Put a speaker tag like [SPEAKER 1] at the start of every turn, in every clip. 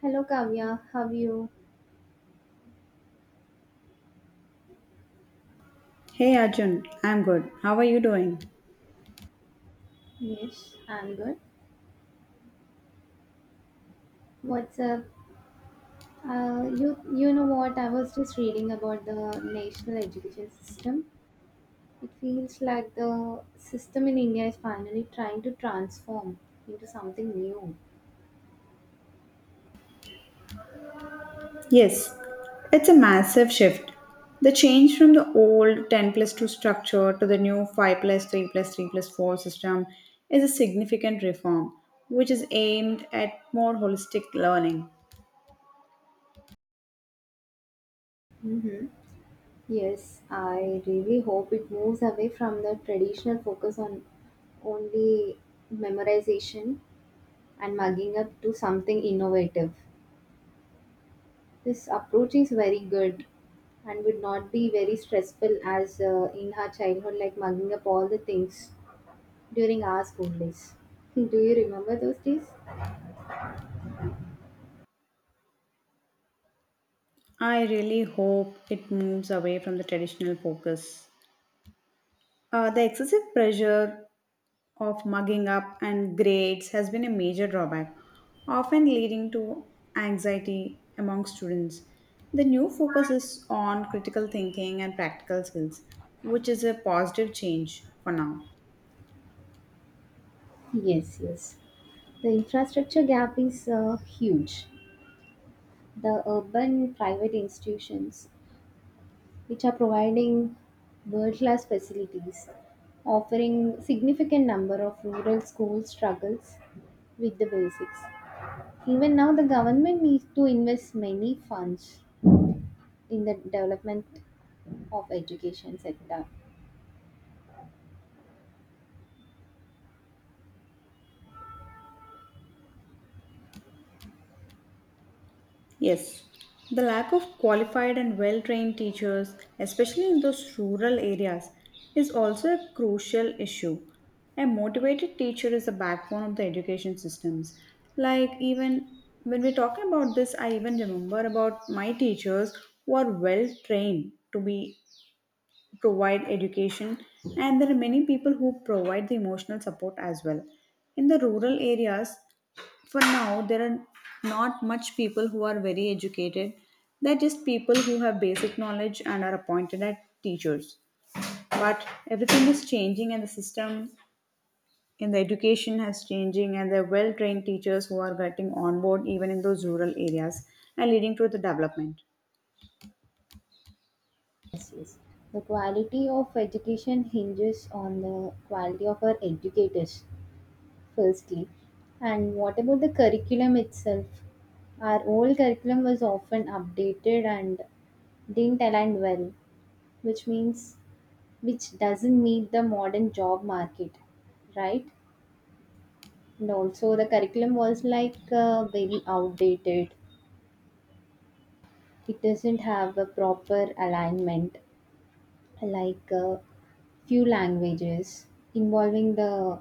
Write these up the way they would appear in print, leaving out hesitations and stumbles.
[SPEAKER 1] Hello Kavya, how are you?
[SPEAKER 2] Hey Arjun, I'm good. How are you doing?
[SPEAKER 1] Yes, I'm good. What's up? You know what? I was just reading about the national education system. It feels like the system in India is finally trying to transform into something new.
[SPEAKER 2] Yes, it's a massive shift. The change from the old 10 plus 2 structure to the new 5 plus 3 plus 3 plus 4 system is a significant reform, which is aimed at more holistic learning.
[SPEAKER 1] Mm-hmm. Yes, I really hope it moves away from the traditional focus on only memorization and mugging up to something innovative. This approach is very good and would not be very stressful as in her childhood, like mugging up all the things during our school days. Do you remember those days?
[SPEAKER 2] I really hope it moves away from the traditional focus. The excessive pressure of mugging up and grades has been a major drawback, often leading to anxiety among students. The new focus is on critical thinking and practical skills, which is a positive change for now.
[SPEAKER 1] Yes, yes. The infrastructure gap is huge. The urban private institutions, which are providing world class facilities, offering significant number of rural schools struggles with the basics. Even now, the government needs to invest many funds in the development of education sector.
[SPEAKER 2] Yes, the lack of qualified and well trained teachers, especially in those rural areas, is also a crucial issue. A motivated teacher is the backbone of the education systems. Like, even when we talk about this, I even remember about my teachers who are well trained to be provide education, and there are many people who provide the emotional support as well. In the rural areas, for now there are not much people who are very educated, they're just people who have basic knowledge and are appointed as teachers, but everything is changing and the system in the education has changing, and there are well trained teachers who are getting on board even in those rural areas and leading to the development.
[SPEAKER 1] Yes, yes, the quality of education hinges on the quality of our educators, firstly. And what about the curriculum itself? Our old curriculum was often updated and didn't align well, which means which doesn't meet the modern job market, right? And also the curriculum was like very outdated. It doesn't have a proper alignment, like few languages involving the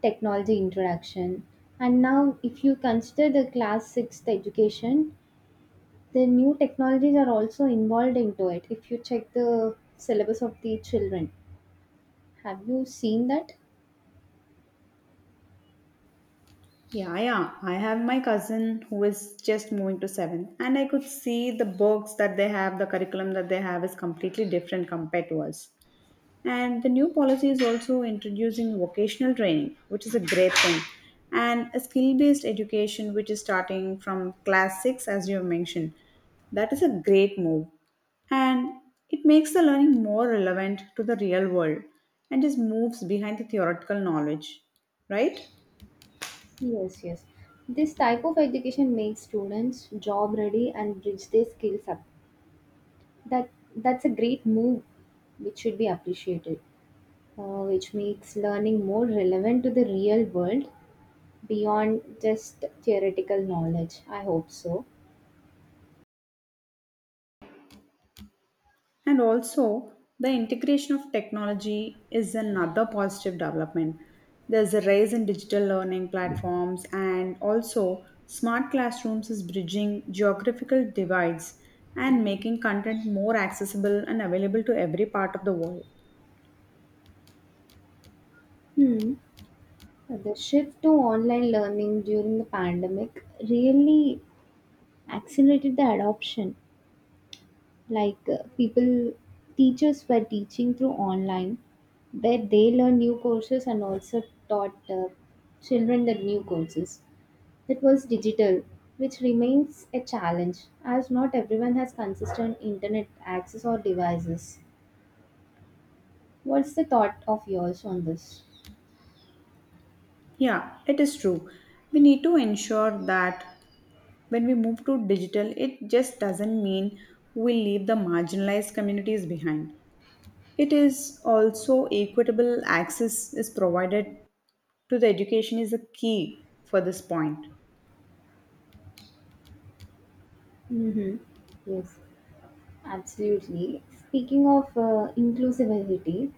[SPEAKER 1] technology interaction. And now, if you consider the class sixth education, the new technologies are also involved into it. If you check the syllabus of the children, have you seen that?
[SPEAKER 2] Yeah, yeah, I have my cousin who is just moving to seventh, and I could see the books that they have, the curriculum that they have is completely different compared to us. And the new policy is also introducing vocational training, which is a great thing, and a skill based education, which is starting from class 6, as you have mentioned. That is a great move, and it makes the learning more relevant to the real world and just moves behind the theoretical knowledge, right?
[SPEAKER 1] Yes, yes. This type of education makes students job ready and bridge their skills up. That that's a great move, which should be appreciated. Which makes learning more relevant to the real world beyond just theoretical knowledge. I hope so.
[SPEAKER 2] And also, the integration of technology is another positive development. There's a rise in digital learning platforms, and also, smart classrooms is bridging geographical divides and making content more accessible and available to every part of the world.
[SPEAKER 1] Hmm. The shift to online learning during the pandemic really accelerated the adoption. Like people, teachers were teaching through online, where they learn new courses and also taught children the new courses. That was digital, which remains a challenge as not everyone has consistent internet access or devices. What's the thought of yours on this?
[SPEAKER 2] Yeah, it is true. We need to ensure that when we move to digital, it just doesn't mean we leave the marginalized communities behind. It is also equitable access is provided to the education is a key for this point.
[SPEAKER 1] Mm-hmm. Yes, absolutely. Speaking of inclusivity,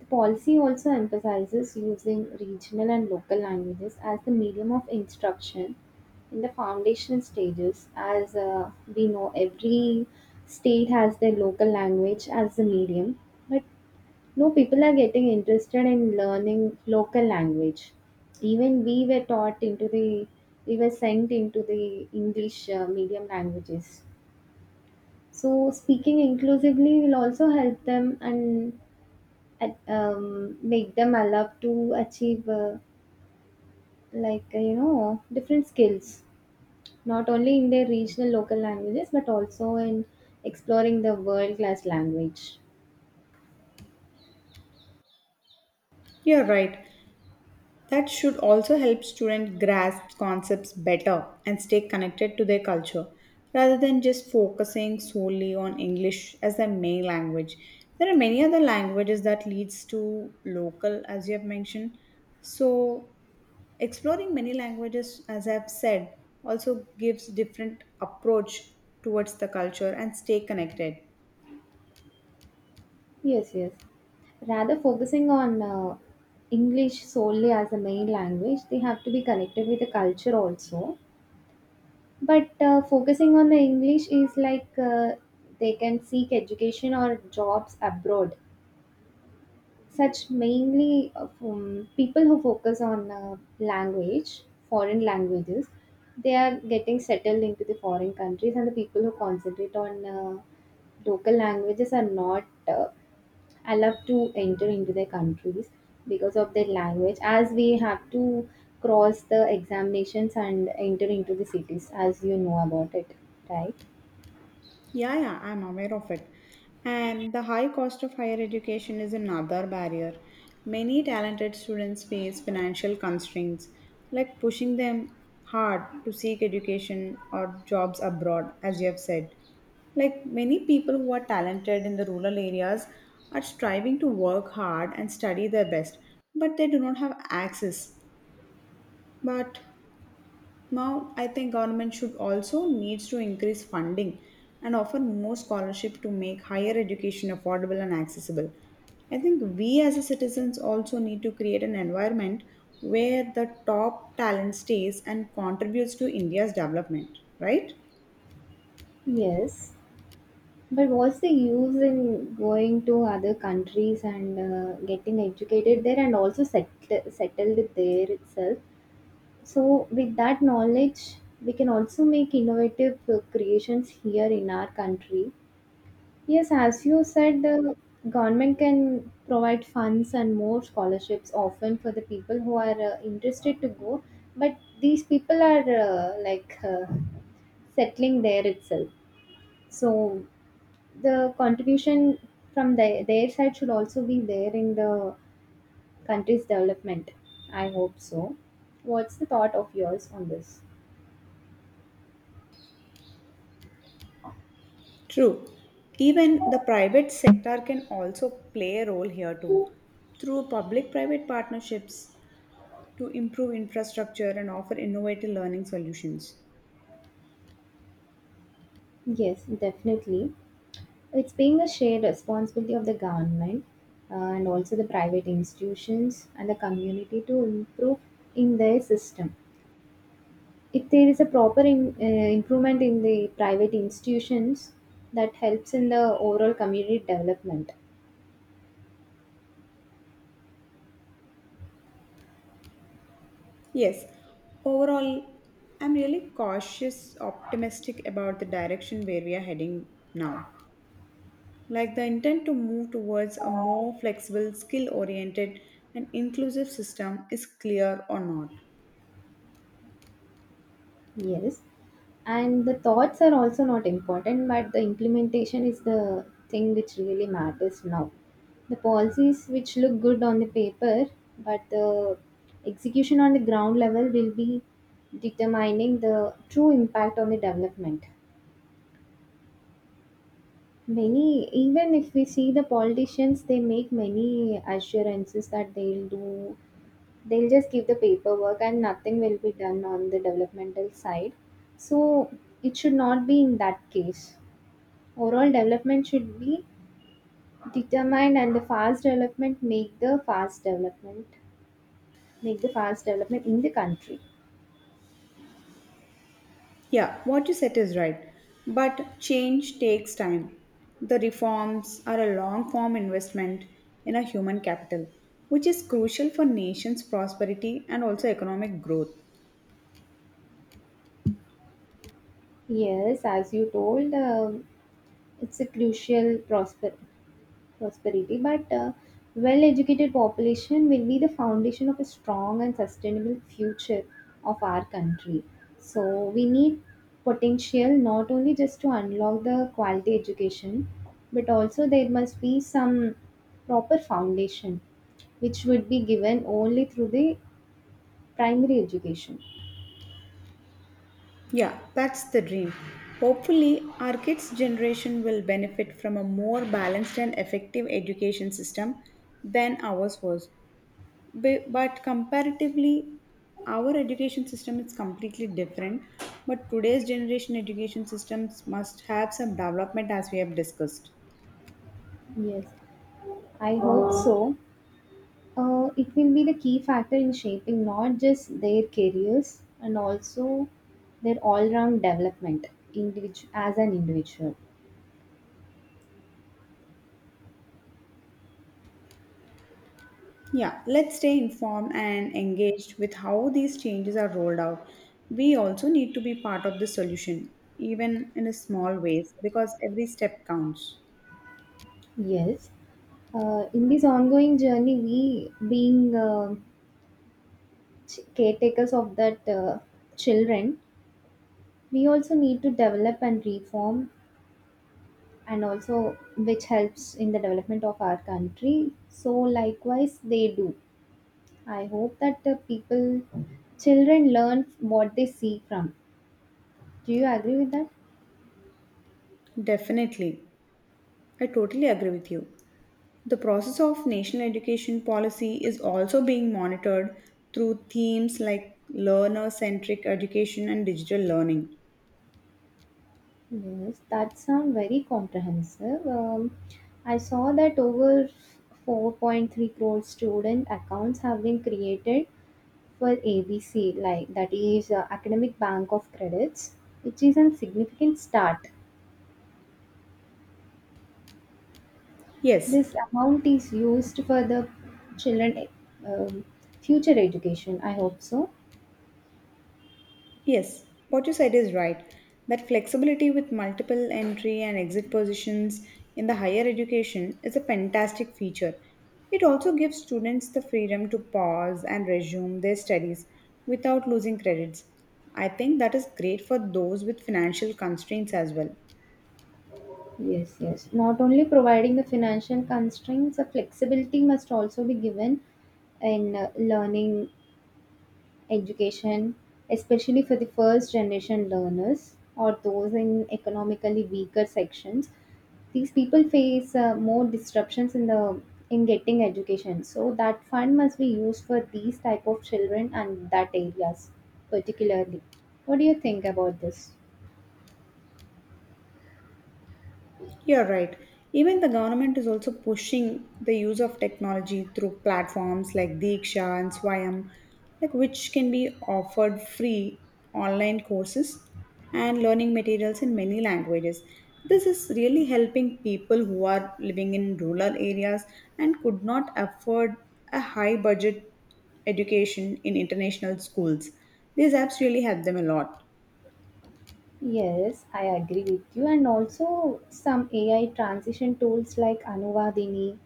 [SPEAKER 1] the policy also emphasizes using regional and local languages as the medium of instruction in the foundational stages. As we know, every state has their local language as the medium, but no people are getting interested in learning local language. Even we were taught into the, We were sent into the English medium languages. So speaking inclusively will also help them and make them allowed to achieve different skills, not only in their regional local languages but also in exploring the world class language.
[SPEAKER 2] You're right. That should also help students grasp concepts better and stay connected to their culture rather than just focusing solely on English as their main language. There are many other languages that leads to local as you have mentioned. So exploring many languages, as I've said, also gives different approach towards the culture and stay connected.
[SPEAKER 1] Yes, yes. Rather focusing on English solely as a main language, they have to be connected with the culture also. But focusing on the English is like they can seek education or jobs abroad, such mainly from people who focus on language, foreign languages, they are getting settled into the foreign countries, and the people who concentrate on local languages are not allowed to enter into their countries because of their language, as we have to cross the examinations and enter into the cities, as you know about it, right?
[SPEAKER 2] Yeah, yeah, I'm aware of it. And the high cost of higher education is another barrier. Many talented students face financial constraints, like pushing them hard to seek education or jobs abroad, as you have said. Like many people who are talented in the rural areas are striving to work hard and study their best, but they do not have access. But now, I think government should also needs to increase funding and offer more scholarship to make higher education affordable and accessible. I think we as a citizens also need to create an environment where the top talent stays and contributes to India's development, right?
[SPEAKER 1] Yes. But what's the use in going to other countries and getting educated there and also settled there itself? So, with that knowledge, we can also make innovative creations here in our country. Yes, as you said, the government can provide funds and more scholarships often for the people who are interested to go, but these people are settling there itself. So the contribution from their side should also be there in the country's development. I hope so. What's the thought of yours on this?
[SPEAKER 2] True. Even the private sector can also play a role here too through public private partnerships to improve infrastructure and offer innovative learning solutions.
[SPEAKER 1] Yes, definitely. It's being a shared responsibility of the government, and also the private institutions and the community to improve in their system. If there is a proper improvement in the private institutions, that helps in the overall community development.
[SPEAKER 2] Yes, overall, I'm really cautious, optimistic about the direction where we are heading now. Like the intent to move towards a more flexible, skill oriented, and inclusive system is clear or not.
[SPEAKER 1] Yes. And the thoughts are also not important, but the implementation is the thing which really matters now. The policies which look good on the paper, but the execution on the ground level will be determining the true impact on the development. Many, even if we see the politicians, they make many assurances that they'll do, they'll just give the paperwork and nothing will be done on the developmental side. So it should not be in that case. Overall development should be determined and the fast development, make the fast development in the country.
[SPEAKER 2] Yeah, what you said is right, but change takes time. The reforms are a long form investment in a human capital, which is crucial for nation's prosperity and also economic growth.
[SPEAKER 1] Yes, as you told, it's a crucial prosperity, but well-educated population will be the foundation of a strong and sustainable future of our country. So we need potential not only just to unlock the quality education, but also there must be some proper foundation which would be given only through the primary education.
[SPEAKER 2] Yeah, that's the dream. Hopefully, our kids' generation will benefit from a more balanced and effective education system than ours was. But comparatively, our education system is completely different. But today's generation education systems must have some development as we have discussed.
[SPEAKER 1] Yes, I hope so. It will be the key factor in shaping not just their careers and also their all-round development, as an individual.
[SPEAKER 2] Yeah, let's stay informed and engaged with how these changes are rolled out. We also need to be part of the solution, even in a small ways, because every step counts.
[SPEAKER 1] Yes, in this ongoing journey we being caretakers of that children, we also need to develop and reform and also which helps in the development of our country. So likewise they do, I hope that the people, children learn what they see from. Do you agree with that?
[SPEAKER 2] Definitely. I totally agree with you. The process of national education policy is also being monitored through themes like learner centric education and digital learning.
[SPEAKER 1] Yes, that sounds very comprehensive. I saw that over 4.3 crore student accounts have been created for ABC, like that is Academic Bank of Credits, which is a significant start.
[SPEAKER 2] Yes.
[SPEAKER 1] This amount is used for the children um, future education. I hope so.
[SPEAKER 2] Yes, what you said is right. That flexibility with multiple entry and exit positions in the higher education is a fantastic feature. It also gives students the freedom to pause and resume their studies without losing credits. I think that is great for those with financial constraints as well.
[SPEAKER 1] Yes, yes. Not only providing the financial constraints, the flexibility must also be given in learning education, especially for the first generation learners or those in economically weaker sections. These people face more disruptions in getting education. So that fund must be used for these type of children and that areas particularly. What do you think about this?
[SPEAKER 2] You're right. Even the government is also pushing the use of technology through platforms like Diksha and Swayam, like which can be offered free online courses and learning materials in many languages. This is really helping people who are living in rural areas and could not afford a high budget education in international schools. These apps really help them a lot.
[SPEAKER 1] Yes, I agree with you. And also some AI transition tools like Anuvadini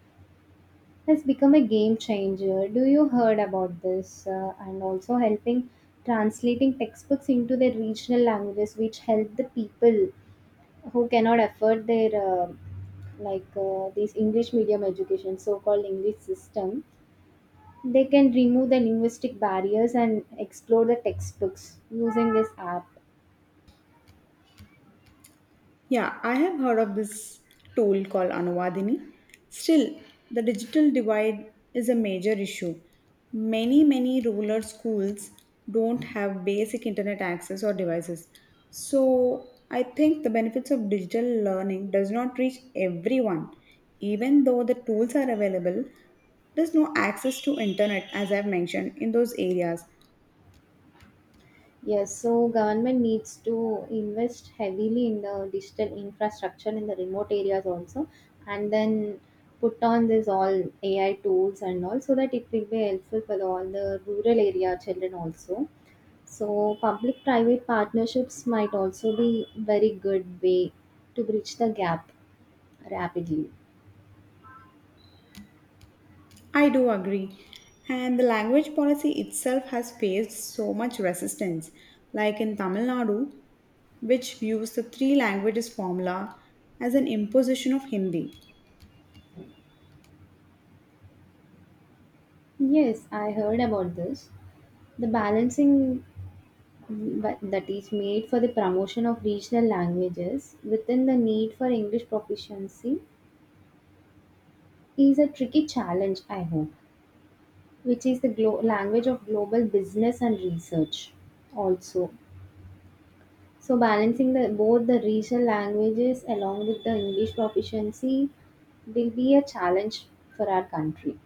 [SPEAKER 1] has become a game changer. Do you heard about this and also helping translating textbooks into their regional languages, which help the people who cannot afford their this English medium education, so-called English system. They can remove the linguistic barriers and explore the textbooks using this app.
[SPEAKER 2] Yeah, I have heard of this tool called Anuvadini. Still, the digital divide is a major issue. Many rural schools don't have basic internet access or devices. So, I think the benefits of digital learning does not reach everyone. Even though the tools are available, there's no access to internet as I've mentioned in those areas.
[SPEAKER 1] Yes, so government needs to invest heavily in the digital infrastructure in the remote areas also, and then put on this all AI tools and all, so that it will be helpful for all the rural area children also. So public-private partnerships might also be very good way to bridge the gap rapidly.
[SPEAKER 2] I do agree. And the language policy itself has faced so much resistance, like in Tamil Nadu, which views the three languages formula as an imposition of Hindi.
[SPEAKER 1] Yes, I heard about this. The balancing, but that is made for the promotion of regional languages within the need for English proficiency is a tricky challenge, I hope, which is the language of global business and research also. So, balancing the, both the regional languages along with the English proficiency will be a challenge for our country.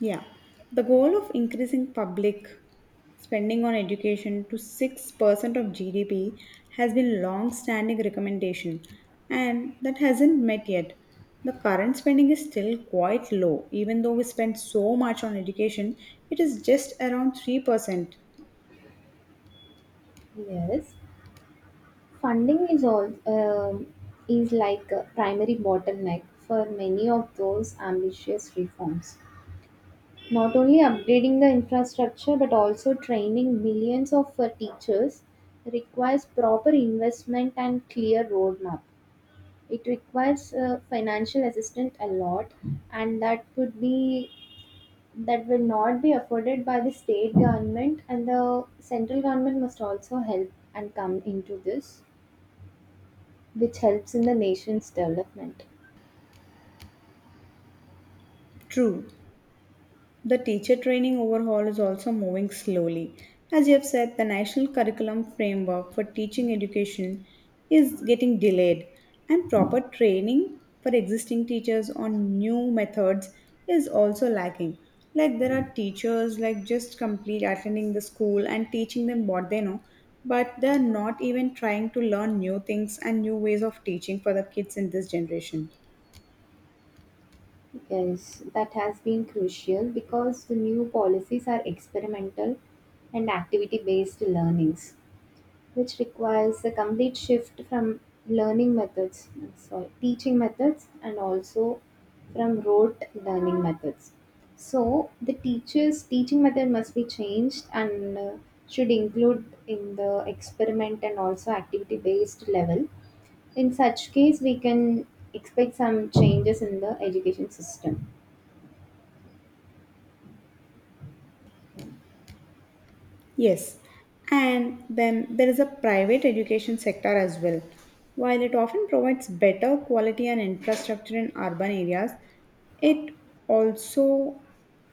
[SPEAKER 2] Yeah, the goal of increasing public spending on education to 6% of GDP has been long standing recommendation and that hasn't met yet. The current spending is still quite low, even though we spend so much on education it is just around 3%.
[SPEAKER 1] Yes, funding is all is like a primary bottleneck for many of those ambitious reforms. Not only upgrading the infrastructure but also training millions of teachers requires proper investment and clear roadmap. It requires financial assistance a lot, and that will not be afforded by the state government and the central government must also help and come into this, which helps in the nation's development.
[SPEAKER 2] True, the teacher training overhaul is also moving slowly. As you have said, the national curriculum framework for teaching education is getting delayed, and proper training for existing teachers on new methods is also lacking. Like there are teachers like just complete attending the school and teaching them what they know, but they are not even trying to learn new things and new ways of teaching for the kids in this generation.
[SPEAKER 1] Yes, that has been crucial because the new policies are experimental and activity based learnings, which requires a complete shift from learning methods, sorry, teaching methods, and also from rote learning methods. So, the teacher's teaching method must be changed and should include in the experiment and also activity based level. In such case, we can expect some changes in the education system.
[SPEAKER 2] Yes, and then there is a private education sector as well. While it often provides better quality and infrastructure in urban areas, it also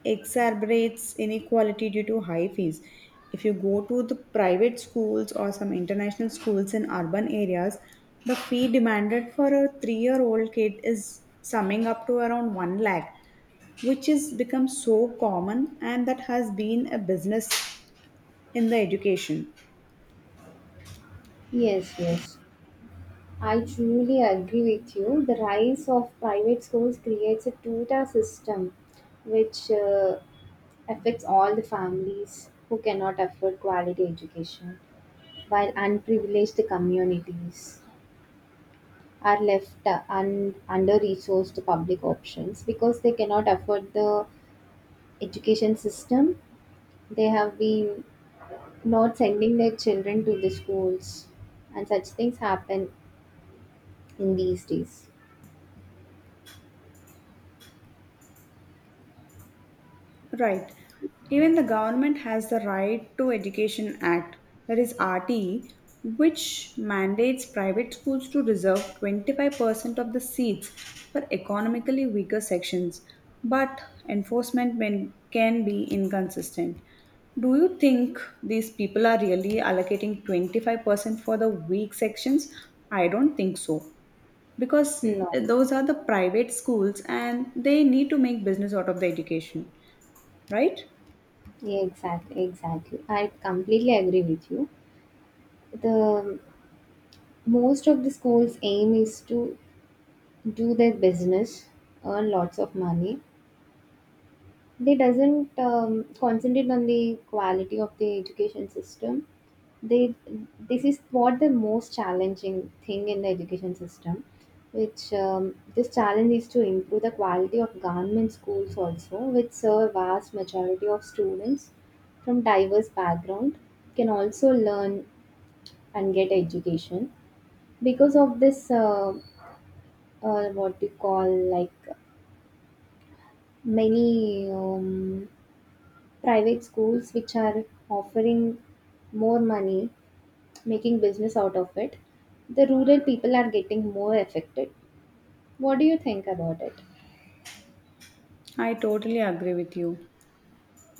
[SPEAKER 2] exacerbates inequality due to high fees. If you go to the private schools or some international schools in urban areas, the fee demanded for a 3-year old kid is summing up to around 1 lakh, which has become so common and that has been a business in the education.
[SPEAKER 1] Yes, yes. I truly agree with you. The rise of private schools creates a two-tier system which affects all the families who cannot afford quality education, while unprivileged communities are left under-resourced public options because they cannot afford the education system. They have been not sending their children to the schools, and such things happen in these days.
[SPEAKER 2] Right. Even the government has the Right to Education Act, that is RTE, which mandates private schools to reserve 25% of the seats for economically weaker sections, but enforcement can be inconsistent. Do you think these people are really allocating 25% for the weak sections? I don't think so, because
[SPEAKER 1] No,
[SPEAKER 2] those are the private schools and they need to make business out of the education, right?
[SPEAKER 1] yeah, exactly, exactly. I completely agree with you. The most of the schools' aim is to do their business, earn lots of money. They doesn't concentrate on the quality of the education system. They This is what the most challenging thing in the education system, which this challenge is to improve the quality of government schools also, which serve vast majority of students from diverse background can also learn and get education because of this what you call like many private schools which are offering more money, making business out of it, the rural people are getting more affected. What do you think about it?
[SPEAKER 2] I totally agree with you,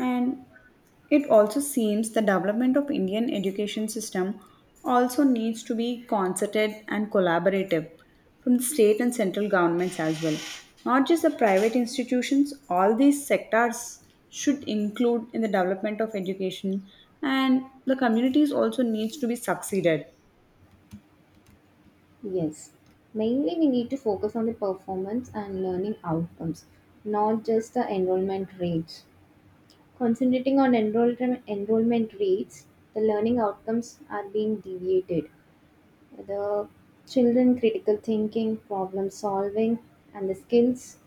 [SPEAKER 2] and it also seems the development of Indian education system also needs to be concerted and collaborative from the state and central governments as well, not just the private institutions. All these sectors should include in the development of education, and the communities also needs to be succeeded.
[SPEAKER 1] Yes. Mainly, we need to focus on the performance and learning outcomes, not just the enrollment rates. Concentrating on enrollment rates, the learning outcomes are being deviated. The children critical thinking, problem solving, and the skills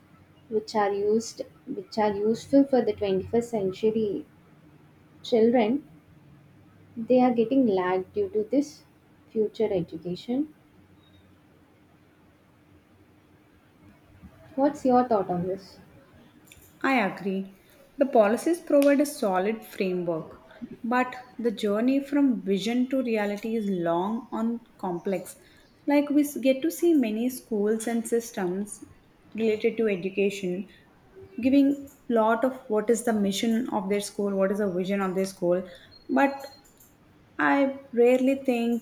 [SPEAKER 1] which are useful for the 21st century children, they are getting lagged due to this future education. What's your thought on this?
[SPEAKER 2] I agree. The policies provide a solid framework, but the journey from vision to reality is long and complex. Like, get to see many schools and systems related to education giving lot of what is the mission of their school, what is the vision of their school, but I rarely think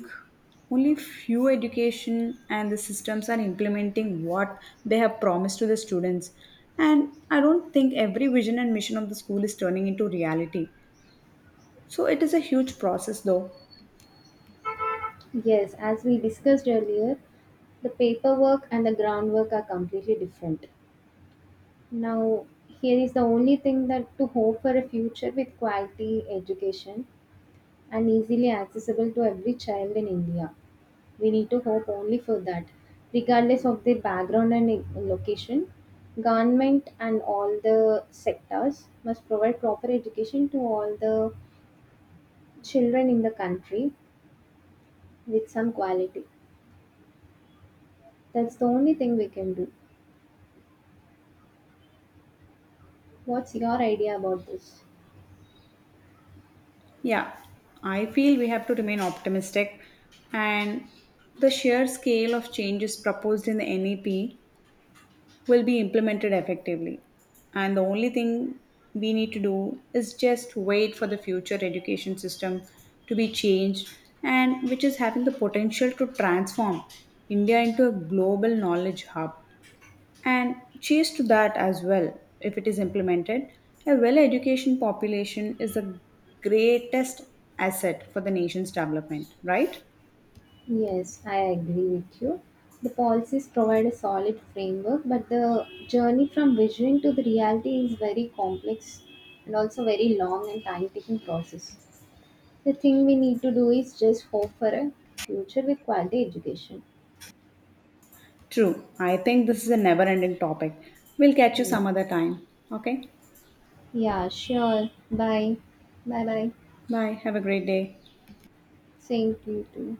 [SPEAKER 2] only few education and the systems are implementing what they have promised to the students. And I don't think every vision and mission of the school is turning into reality. So it is a huge process though.
[SPEAKER 1] Yes, as we discussed earlier, the paperwork and the groundwork are completely different. Now, here is the only thing that to hope for a future with quality education and easily accessible to every child in India. We need to hope only for that, regardless of their background and location. Government and all the sectors must provide proper education to all the children in the country with some quality. That's the only thing we can do. What's your idea about this?
[SPEAKER 2] Yeah, I feel we have to remain optimistic, and the sheer scale of changes proposed in the NEP will be implemented effectively. And the only thing we need to do is just wait for the future education system to be changed and which is having the potential to transform India into a global knowledge hub. And cheers to that as well, if it is implemented. A well educated population is the greatest asset for the nation's development, right?
[SPEAKER 1] Yes, I agree with you. The policies provide a solid framework, but the journey from vision to the reality is very complex and also very long and time taking process. The thing we need to do is just hope for a future with quality education.
[SPEAKER 2] True. I think this is a never ending topic. We'll catch you
[SPEAKER 1] Yeah,
[SPEAKER 2] some other time. Okay?
[SPEAKER 1] yeah sure. Bye. Bye bye.
[SPEAKER 2] Bye. Have a great day.
[SPEAKER 1] Same to you too.